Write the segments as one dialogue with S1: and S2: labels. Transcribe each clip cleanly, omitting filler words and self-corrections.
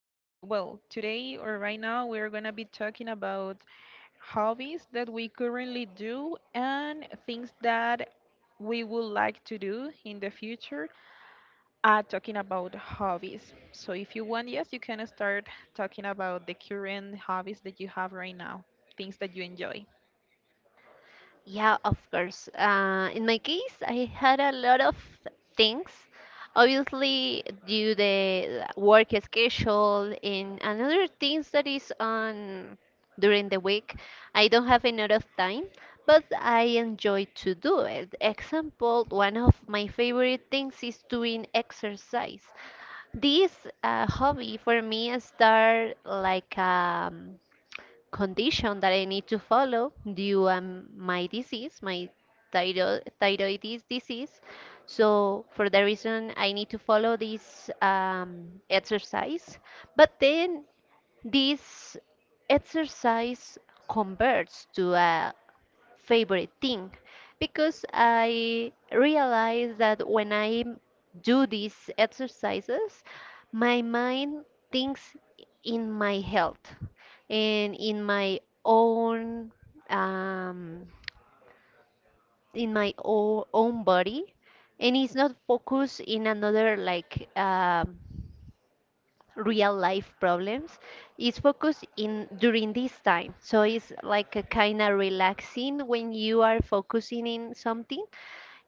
S1: uh, well today, or right now, we're gonna be talking about hobbies that we currently do and things that we would like to do in the future. Talking about hobbies. So if you want, yes, you can start talking about the current hobbies that you have right now, things that you enjoy.
S2: Yeah, of course. In my case, I had a lot of things. Obviously, due the work schedule and another things that is on during the week, I don't have a lot of time, but I enjoy to do it. Example, one of my favorite things is doing exercise. This hobby for me start like a condition that I need to follow due my disease, my thyroiditis disease. So for that reason, I need to follow this exercise. But then this exercise converts to a favorite thing because I realize that when I do these exercises, my mind thinks in my health and in my own um, in my o- own body, and it's not focused in another, like real life problems. It's focused in during this time, so it's like a kind of relaxing when you are focusing in something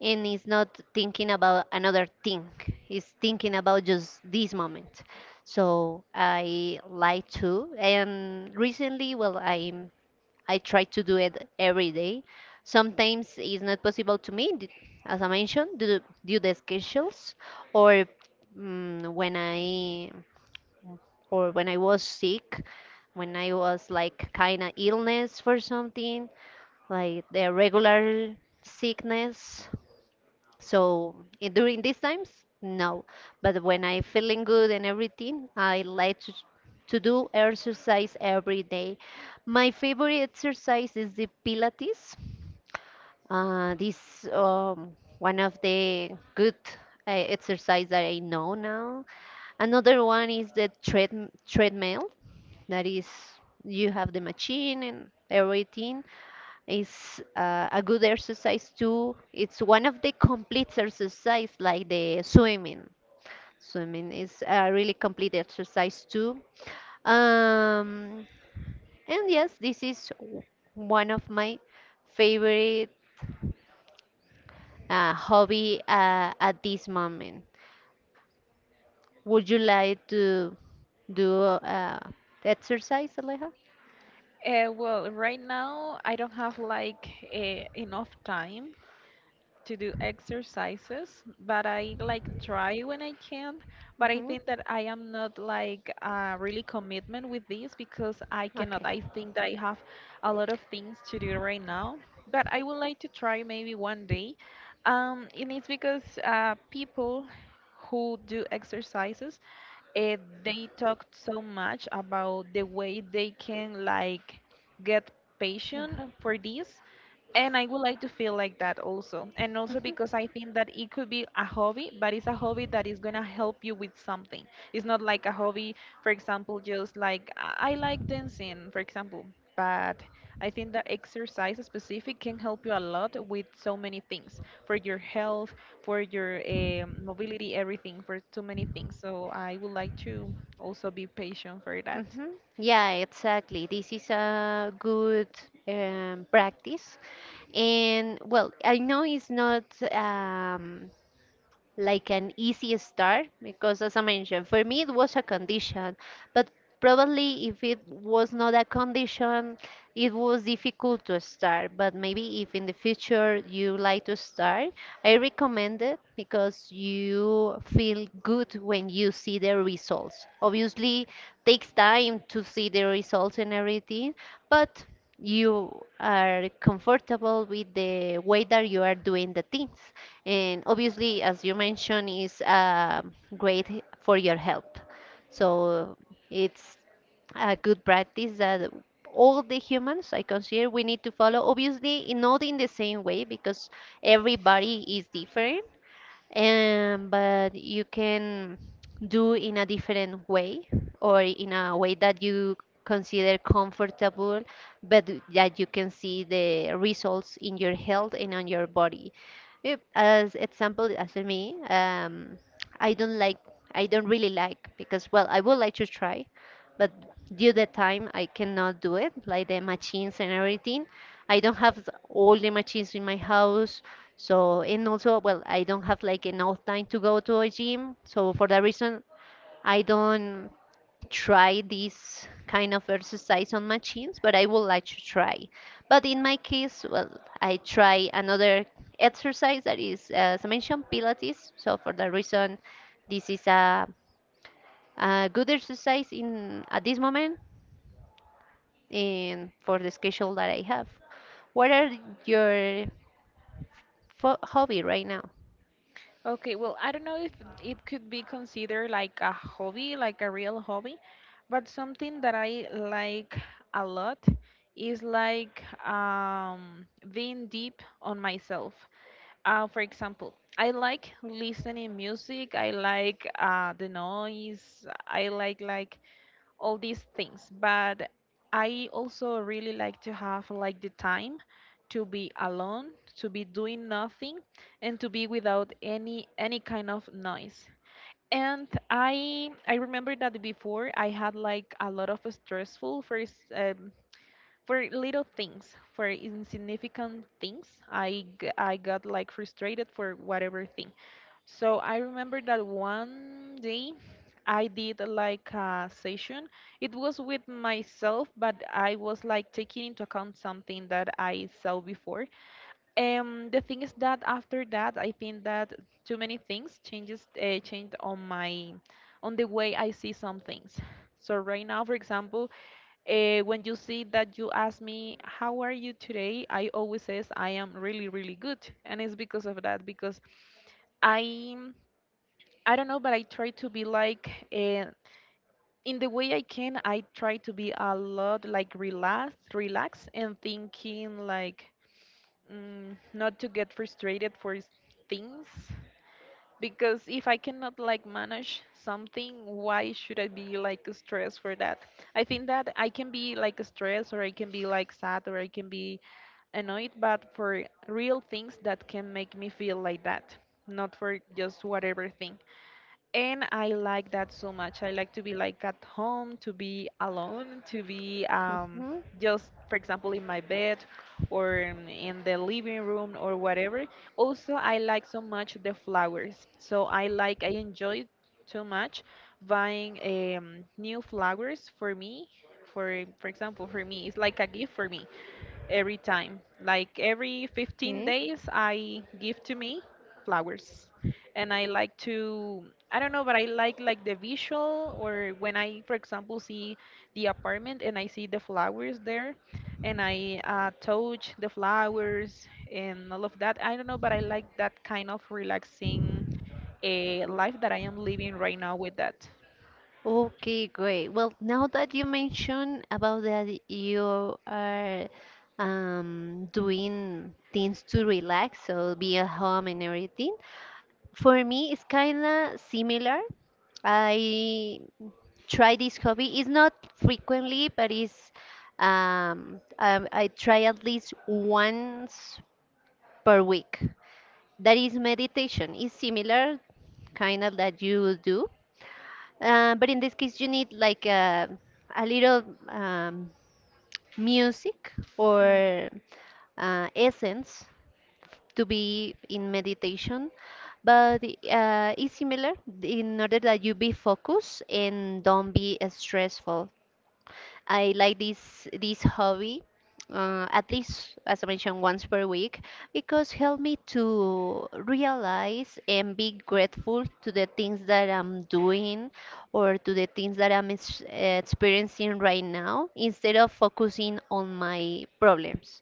S2: and it's not thinking about another thing. It's thinking about just this moment. So I like to. And recently, well, I try to do it every day. Sometimes it's not possible to me as I mentioned due the schedules. Or mm, when i when I was sick, when I was like kind of illness for something, like the regular sickness. So during these times, no. But when I feeling good and everything, I like to do exercise every day. My favorite exercise is the Pilates. This One of the good exercise that I know now. Another one is the treadmill. That is, you have the machine and everything. It's a good exercise too. It's one of the complete exercise like the swimming. Swimming is a really complete exercise too. Um, and yes, this is one of my favorite hobby at this moment. Would you like to do uh, exercise, Aleja?
S1: Well, right now I don't have like enough time to do exercises, but I like try when I can. But I
S2: Mhm. Okay.
S1: think that I am not like really commitment with this because I cannot. I think that I have a lot of things to do right now, but I would like to try maybe one day. And it's because people who do exercises, uh, they talk so much about the way they can like get patient for this, and I would like to feel like that also. And also because I think that it could be a hobby, but it's a hobby that is going to help you with something. It's not like a hobby, for example, just like I like dancing, for example, but I think that exercise specific can help you a lot with so many things for your health, for your mobility, everything, for too many things. So I would like to also be patient for that.
S2: Yeah, exactly. This is a good practice. And well, I know it's not um, like an easy start, because as I mentioned, for me it was a condition, but probably if it was not a condition, it was difficult to start. But maybe if in the future you like to start, I recommend it because you feel good when you see the results. Obviously takes time to see the results and everything, but you are comfortable with the way that you are doing the things. And obviously, as you mentioned, is great for your health. So it's a good practice that all the humans I consider we need to follow. Obviously, not in the same way because everybody is different, but you can do in a different way or in a way that you consider comfortable, but that you can see the results in your health and on your body. Yep, as example, as for me, I don't like, I don't really like, because well, I would like to try, but due the time I cannot do it, like the machines and everything. I don't have all the machines in my house. So, and also, well, I don't have like enough time to go to a gym. So, for that reason, I don't try this kind of exercise on machines, but I would like to try. But in my case, well, I try another exercise that is, as I mentioned, Pilates. So, for that reason, this is a good exercise in at this moment and for the schedule that I have. What are your hobby right now?
S1: Okay, well, I don't know if it could be considered like a hobby, like a real hobby, but something that I like a lot is like being deep on myself. For example, I like listening music. I like the noise. I like all these things, but I also really like to have like the time to be alone, to be doing nothing, and to be without any kind of noise. And I remember that before I had like a lot of stressful first, for little things, for insignificant things, I got like frustrated for whatever thing. So I remember that one day I did like a session. It was with myself, but I was like taking into account something that I saw before. The thing is that after that, I think that too many things changes changed on my on the way I see some things. So right now, for example, when you see that you ask me, "How are you today?" I always says I am really, really good. And it's because of that, because I I don't know, but I try to be like in the way I can. I try to be a lot like relaxed, relaxed, and thinking like not to get frustrated for things, because if I cannot like manage something, why should I be like stressed for that? I think that I can be like stressed, or I can be like sad, or I can be annoyed, but for real things that can make me feel like that, not for just whatever thing. And I like that so much. I like to be like at home, to be alone, to be just, for example, in my bed or in the living room or whatever. Also, I like so much the flowers. So I like, I enjoy too much buying new flowers for me. For example, for me, it's like a gift for me every time. Like every 15
S2: Mhm.
S1: days, I give to me flowers. And I like to, I don't know, but I like the visual or when I, for example, see the apartment and I see the flowers there, and I touch the flowers and all of that. I don't know, but I like that kind of relaxing life that I am living right now with that.
S2: Okay, great. Well, now that you mentioned about that you are doing things to relax, so be at home and everything, for me it's kind of similar. I try this hobby. It's not frequently, but it's I try at least once per week. That is meditation. It's similar, kind of that you do. But in this case, you need like a little um, music
S1: Mm,
S2: or essence to be in meditation. But it's similar in order that you be focused and don't be stressful. I like this hobby at least, as I mentioned, once per week, because help me to realize and be grateful to the things that I'm doing or to the things that I'm experiencing right now, instead of focusing on my problems.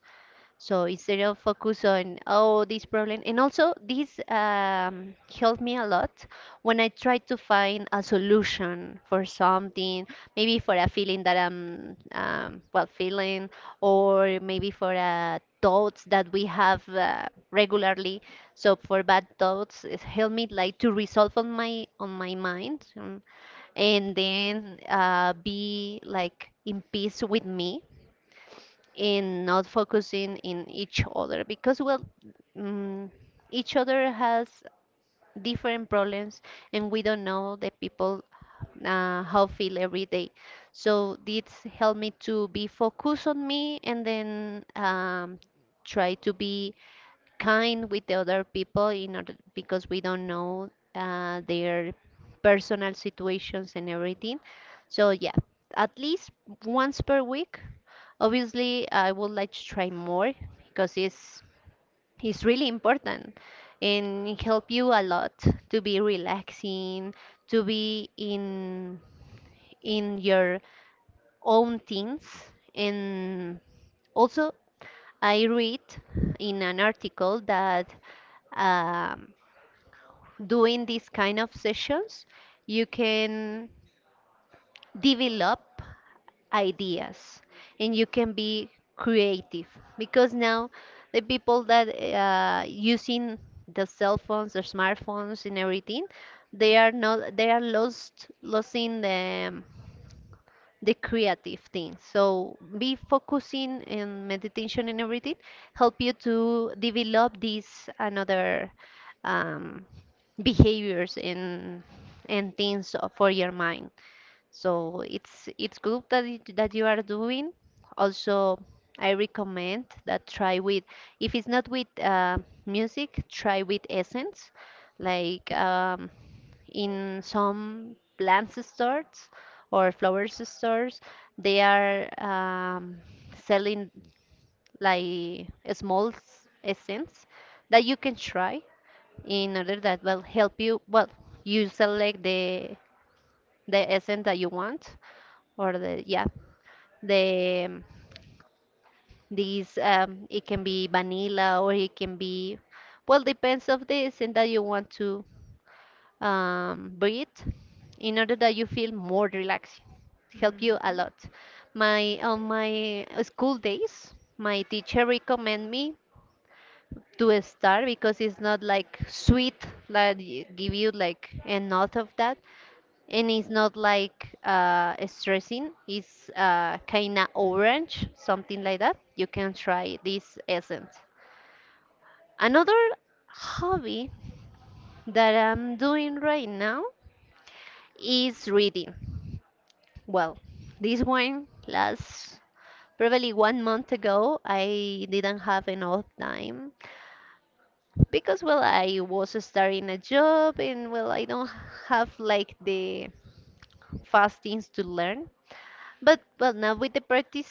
S2: So instead of focus on, oh, this problem, and also this helped me a lot when I try to find a solution for something, maybe for a feeling that I'm well feeling, or maybe for a thoughts that we have regularly. So for bad thoughts, it helped me like to resolve on my mind, and then be like in peace with me in not focusing in each other, because well mm each other has different problems and we don't know the people how feel every day. So this helped me to be focused on me, and then try to be kind with the other people in order, because we don't know their personal situations and everything. So yeah, at least once per week. Obviously, I would like to try more because it's really important and it help you a lot to be relaxing, to be in your own things. And also I read in an article that um, doing these kind of sessions you can develop ideas and you can be creative because now the people that using the cell phones, the smartphones and everything, they are not they are lost losing the creative thing. So be focusing in meditation and everything help you to develop this another um, behaviors and things for your mind. So it's good that that you are doing. Also, I recommend that try with, if it's not with music, try with essence, like in some plants stores or flowers stores. They are selling like a small essence that you can try in order that will help you. Well, you select the essence that you want, or the, yeah, the these it can be vanilla or it can be, well, depends of the essence that you want to breathe in order that you feel more relaxed. Help you a
S1: mhm,
S2: lot. My On my school days, my teacher recommend me to start, because it's not like sweet like give you like enough of that, and it's not like stressing. It's kinda orange, something like that. You can try this essence. Another hobby that I'm doing right now is reading. Well, this one last probably 1 month ago I didn't have enough time, because well I was starting a job and well I don't have like the fast things to learn. But well, now with the practice,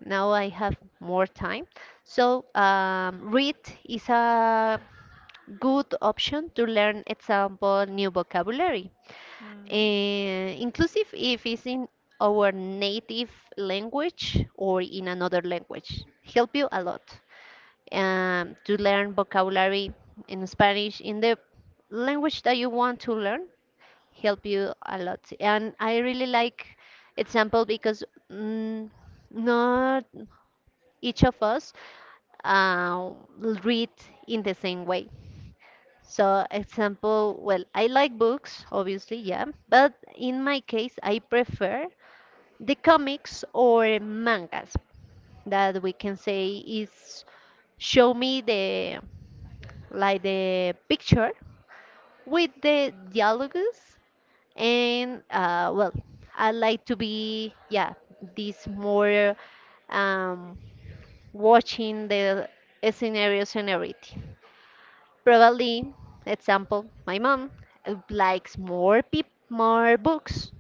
S2: now I have more time. So read is a good option to learn, example, new vocabulary.
S1: mm,
S2: Inclusive if it's in our native language or in another language, help you a lot to learn vocabulary in Spanish, in the language that you want to learn, help you a lot. And I really like example because mm, not each of us uh, read in the same way. So, example, well, I like books, obviously, yeah, but in my case, I prefer the comics or mangas, that we can say, is show me the, like, the picture with the dialogues. And well, I like to be, yeah, this more um, watching the scenarios and everything. Probably, example, my mom likes more books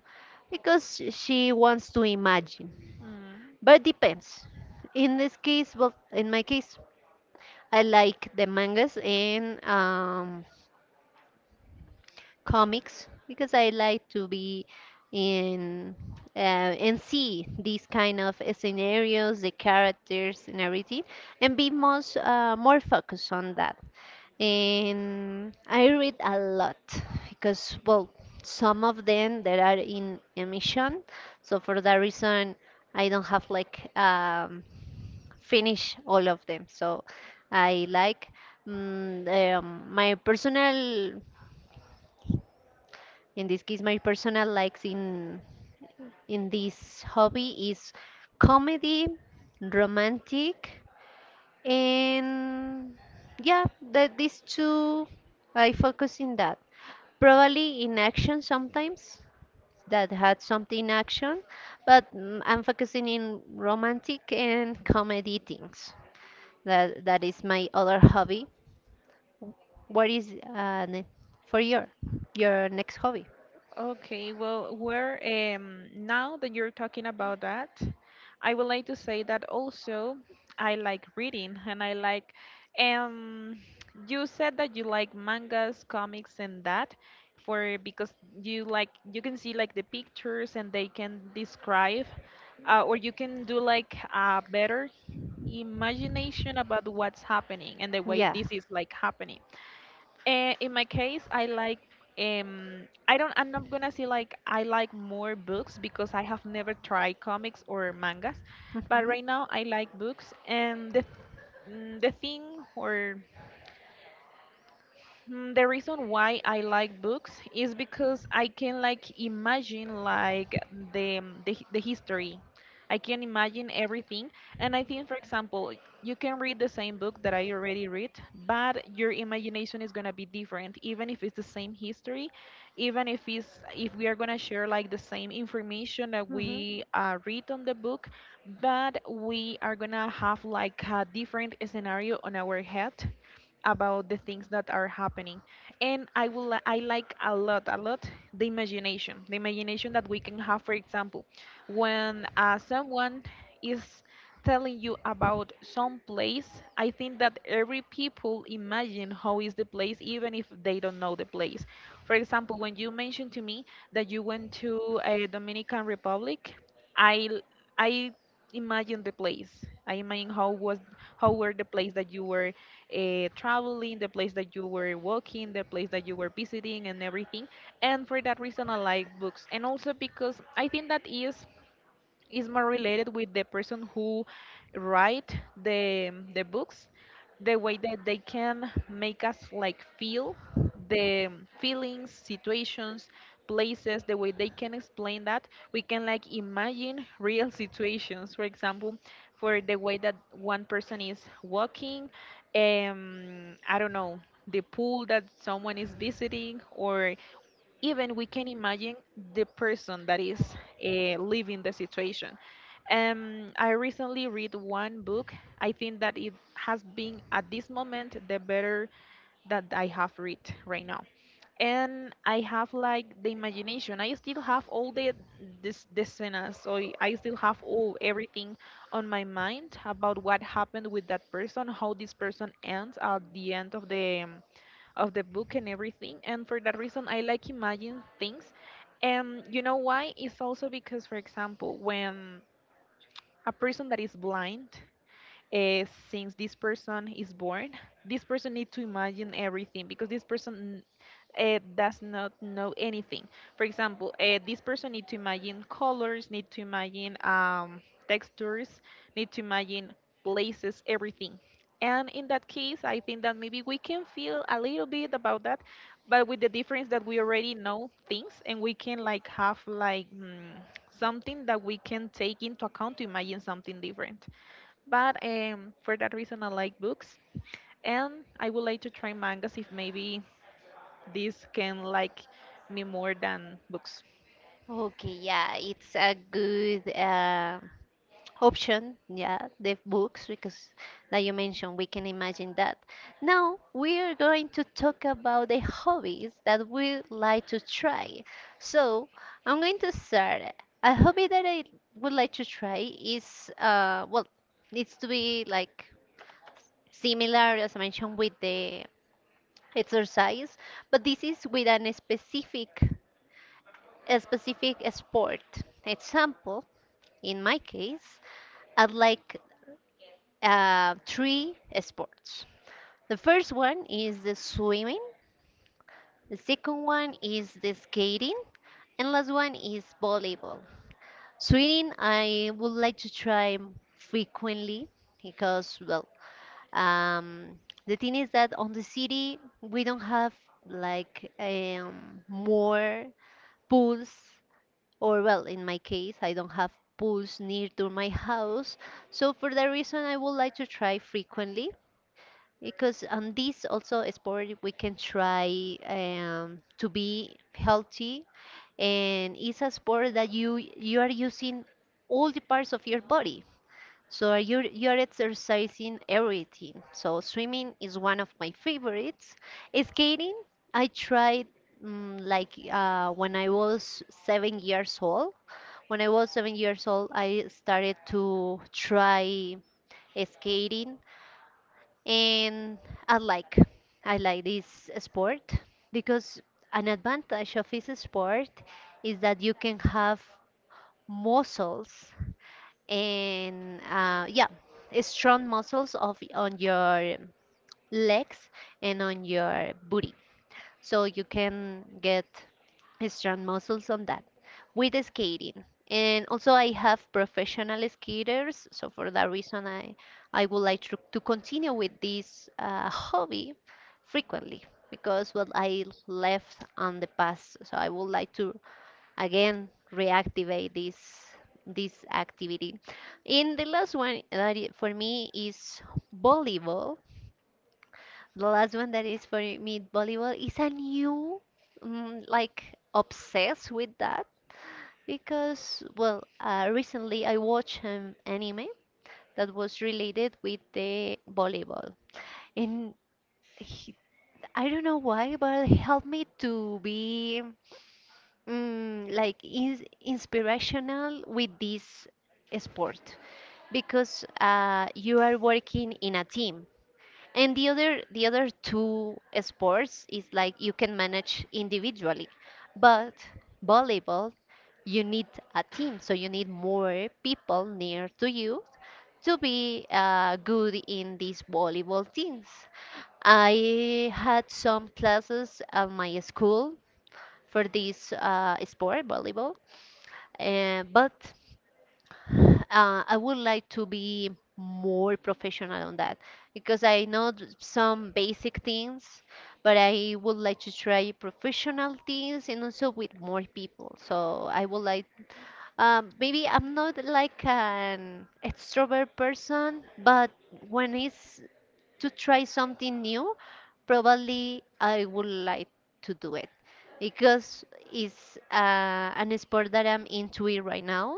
S2: because she wants to imagine.
S1: mm.
S2: But depends, in this case, well, in my case, I like the mangas and comics, because I like to be in and see these kind of scenarios, the characters and everything, and be most more focused on that. And I read a lot because, well, some of them that are in emission, so for that reason I don't have like finish all of them. So I like mm, my personal, in this case, my personal likes in this hobby is comedy, romantic, and yeah, that these two I focus in that, probably in action sometimes that had something action, but I'm focusing in romantic and comedy things. That is my other hobby. What is for your next hobby?
S1: Okay, well, where now that you're talking about that, I would like to say that also I like reading, and I like um you said that you like mangas, comics, and that for because you like you can see like the pictures and they can describe, or you can do like a better imagination about what's happening and the way this is like happening. In my case, I like I don't I'm not gonna say like I like more books because I have never tried comics or mangas,
S2: But
S1: but right now I like books and the the thing or Mm, the reason why I like books is because I can like imagine like the history. I can imagine everything, and I think, for example, you can read the same book that I already read, but your imagination is gonna be different, even if it's the same history, even if it's if we are gonna share like the same information that
S2: hmm
S1: we read on the book, but we are gonna have like a different scenario on our head about the things that are happening. And I will li- I like a lot, a lot, the imagination, the imagination that we can have, for example, when someone is telling you about some place. I think that every people imagine how is the place, even if they don't know the place. For example, when you mentioned to me that you went to a Dominican Republic, i l- I imagine the place, I imagine how was how were the place that you were traveling, the place that you were walking, the place that you were visiting, and everything. And for that reason, I like books. And also because I think that is more related with the person who write the books, the way that they can make us like feel the feelings, situations, places, the way they can explain that we can like imagine real situations, for example, for the way that one person is walking, I don't know, the pool that someone is visiting, or even we can imagine the person that is living the situation. I recently read one book. I think that it has been at this moment the better that I have read right now. And I have like the imagination. I still have all the this the scenes, so I still have all everything on my mind about what happened with that person, how this person ends at the end of the book and everything. And for that reason, I like imagine things. And you know why? It's also because, for example, when a person that is blind uh, since this person is born, this person needs to imagine everything because this person does not know anything. For example, this person need to imagine colors, need to imagine textures, need to imagine places, everything. And in that case, I think that maybe we can feel a little bit about that, but with the difference that we already know things and we can like have like something that we can take into account to imagine something different. But for that reason, I like books, and I would like to try mangas if maybe this can like me more than books.
S2: okay, yeah, it's a good option, yeah, the books because like you mentioned we can imagine that. Now we are going to talk about the hobbies that we like to try. So I'm going to start. A hobby that I would like to try is, well, needs to be like similar as I mentioned with the exercise, but this is with an specific a specific sport. Example, in my case, I like three sports. The first one is the swimming, the second one is the skating, and last one is volleyball. Swimming, I would like to try frequently because, um, the thing is that on the city we don't have like more pools, or well, in my case, I don't have pools near to my house. So for that reason, I would like to try frequently. Because on this also sport we can try to be healthy, and it's a sport that you are using all the parts of your body. So you're exercising everything. So swimming is one of my favorites. Skating, I tried when I was 7 years old. When I was 7 years old, I started to try skating and I like I like this sport because an advantage of this sport is that you can have muscles and strong muscles of on your legs and on your booty. So you can get strong muscles on that with the skating. And also I have professional skaters, so for that reason I would like to continue with this hobby frequently because what I left on the past. So I would like to again reactivate this activity. And the last one that for me is volleyball. The last one that is for me volleyball is a new mm, like obsessed with that, because recently I watched an anime that was related with the volleyball. And he, I don't know why, but it helped me to be inspirational with this sport, because you are working in a team, and the other two sports is like you can manage individually, but volleyball, you need a team, so you need more people near to you to be good in these volleyball teams. I had some classes at my school for this sport, volleyball. But I would like to be more professional on that, because I know some basic things, but I would like to try professional things and also with more people. So I would like, maybe I'm not like an extrovert person, but when it's to try something new, probably I would like to do it because it's an sport that I'm into it right now,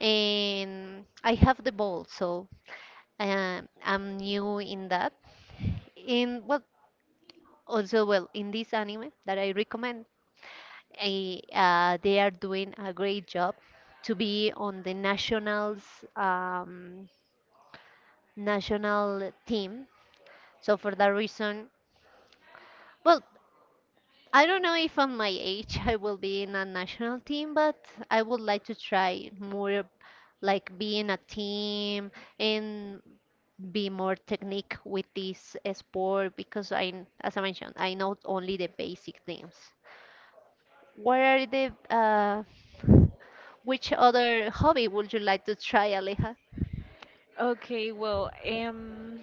S2: and I have the ball. So I'm new in that. In well, also well in this anime that I recommend, they are doing a great job to be on the nationals, um, national team. So for that reason, well, I don't know if on my age I will be in a national team, but I would like to try more like be in a team and be more technique with this sport because as I mentioned, I know only the basic things. What are the which other hobby would you like to try, Aleja?
S1: Okay, well,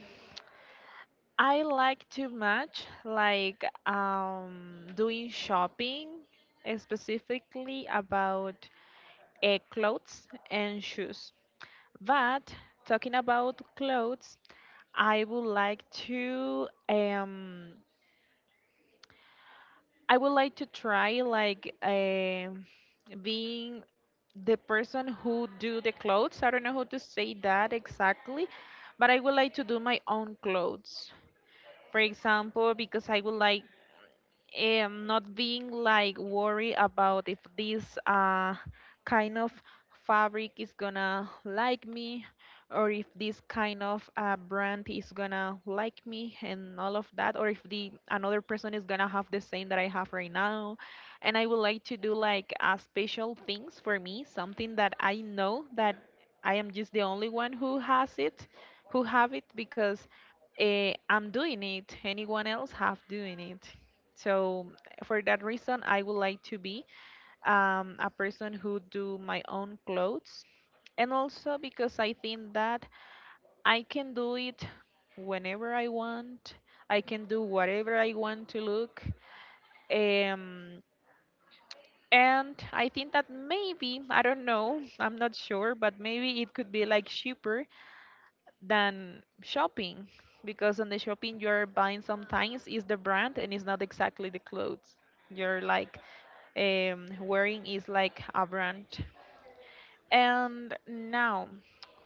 S1: I like too much like doing shopping, specifically about clothes and shoes. But talking about clothes, I would like to I would like to try like being the person who do the clothes. I don't know how to say that exactly, but I would like to do my own clothes. For example, because I would like not being like worried about if this kind of fabric is gonna like me, or if this kind of brand is gonna like me and all of that, or if the another person is gonna have the same that I have right now. And I would like to do like special things for me, something that I know that I am just the only one who has it, who have it, because I'm doing it anyone else have doing it. So for that reason, I would like to be a person who do my own clothes, and also because I think that I can do it whenever I want. I can do whatever I want to look. Um, and I think that maybe, I don't know, I'm not sure, but maybe it could be like cheaper than shopping, because on the shopping you're buying sometimes is the brand and it's not exactly the clothes. You're like wearing is like a brand. And now,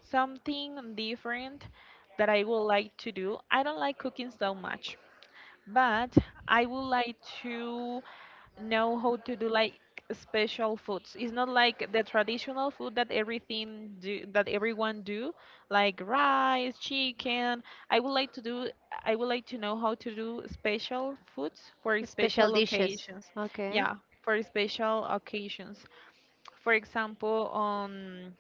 S1: something different that I would like to do. I don't like cooking so much, but I would like to know how to do like special foods. It's not like the traditional food that everything do that everyone do, like rice, chicken. I would like to do I would like to know how to do special foods for
S2: Special
S1: special
S2: dishes.
S1: occasions.
S2: Okay.
S1: Yeah, for special occasions. For example, on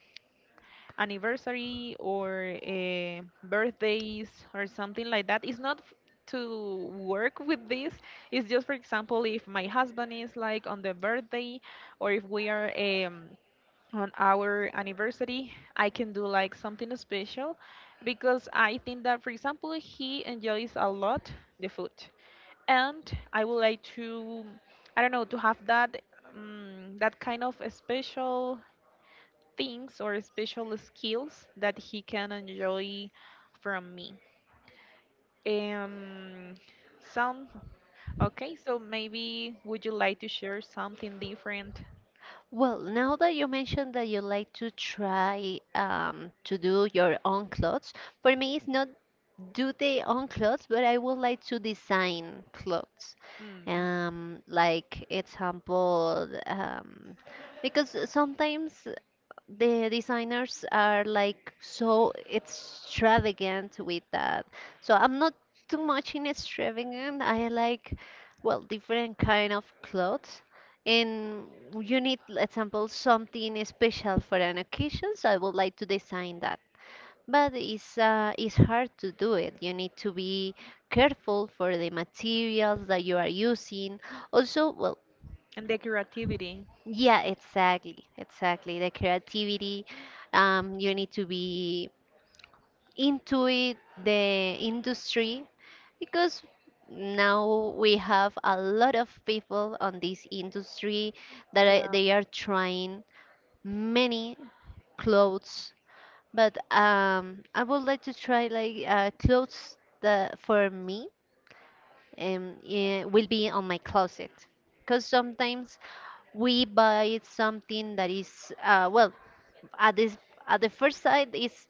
S1: anniversary or birthdays or something like that. It's not to work with this. It's just, for example, if my husband is like on the birthday, or if we are on our anniversary, I can do like something special because I think that, for example, he enjoys a lot the food. And I would like to, I don't know, to have that. That kind of a special things or special skills that he can enjoy from me. Um, some okay, so maybe would you like to share something different?
S2: Well, now that you mentioned that you like to try to do your own clothes, for me it's not do their own clothes, but I would like to design clothes.
S1: Mm.
S2: Like example, because sometimes the designers are like so extravagant with that. So I'm not too much in extravagant. I like well different kind of clothes. And you need, example, something special for an occasion, so I would like to design that. But it's hard to do it. You need to be careful for the materials that you are using. Also, well,
S1: And the creativity.
S2: yeah, exactly, exactly. The creativity, you need to be into it, the industry, because now we have a lot of people on this industry that
S1: Yeah,
S2: they are trying many clothes. But I would like to try like clothes that for me, will be on my closet, because sometimes we buy something that is at this at the first sight it's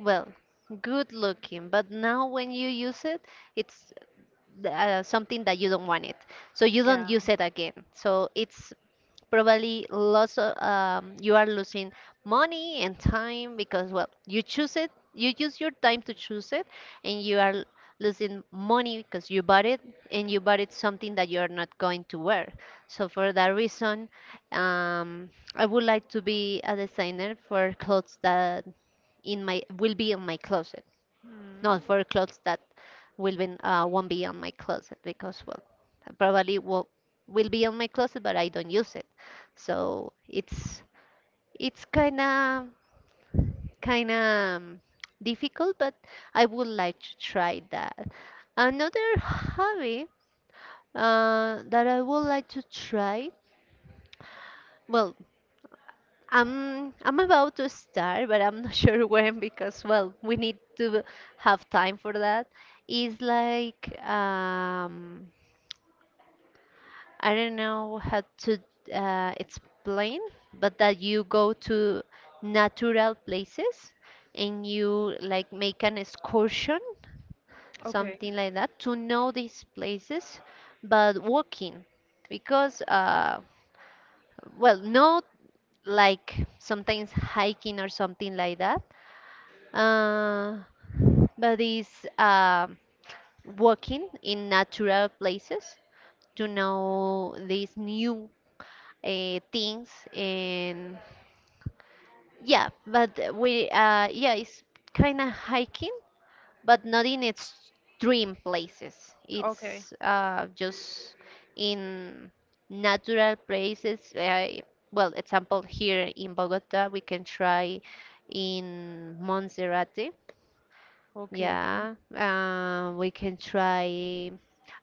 S2: well good looking, but now when you use it it's something that you don't want it, so you don't
S1: yeah.
S2: use it again. So it's probably lots of you are losing money and time, because well you choose it, you use your time to choose it, and you are losing money because you bought it, and you bought it something that you are not going to wear. So for that reason, um, I would like to be a designer for clothes that in my will be in my closet,
S1: Mm.
S2: not for clothes that will be won't be on my closet, because well probably will be on my closet but I don't use it. So it's it's kind of kind of difficult, but I would like to try that. Another hobby that I would like to try, well, I'm about to start but I'm not sure when, because well we need to have time for that. Is like I don't know how to explain, but that you go to natural places and you like make an excursion,
S1: Okay,
S2: something like that, to know these places, but walking, because well, not like sometimes hiking or something like that, uh, but it's walking in natural places to know these new things. And yeah, but we yeah, it's kind of hiking but not in extreme places.
S1: okay,
S2: It's just in natural places. Well example, here in Bogota we can try in Monserrate.
S1: okay,
S2: Yeah, we can try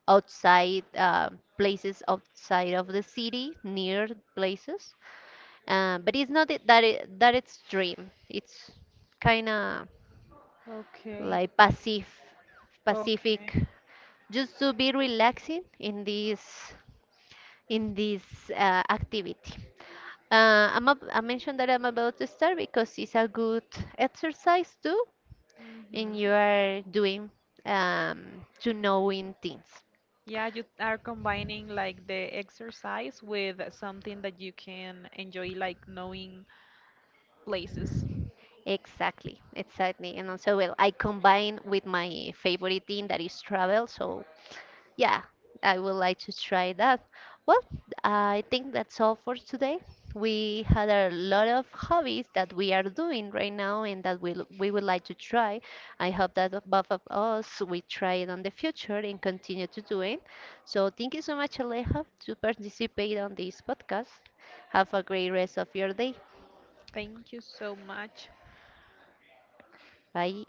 S2: outside places outside of the city, near places. But it's not it's dream. It's kind of
S1: okay,
S2: like passive, pacific,
S1: okay.
S2: just to be relaxing in this activity. I'm I mentioned that I'm about to start because it's a good exercise too, and
S1: Hmm.
S2: you are doing to knowing things.
S1: Yeah, you are combining like the exercise with something that you can enjoy, like knowing places.
S2: Exactly, exactly. And also, well, I combine with my favorite thing that is travel, so yeah, I would like to try that. Well, I think that's all for today. We had a lot of hobbies that we are doing right now and that we would like to try. I hope that the both of us we try it on the future and continue to do it. So thank you so much, Aleja, to participate on this podcast. Have a great rest of your day.
S1: Thank you so much.
S2: Bye.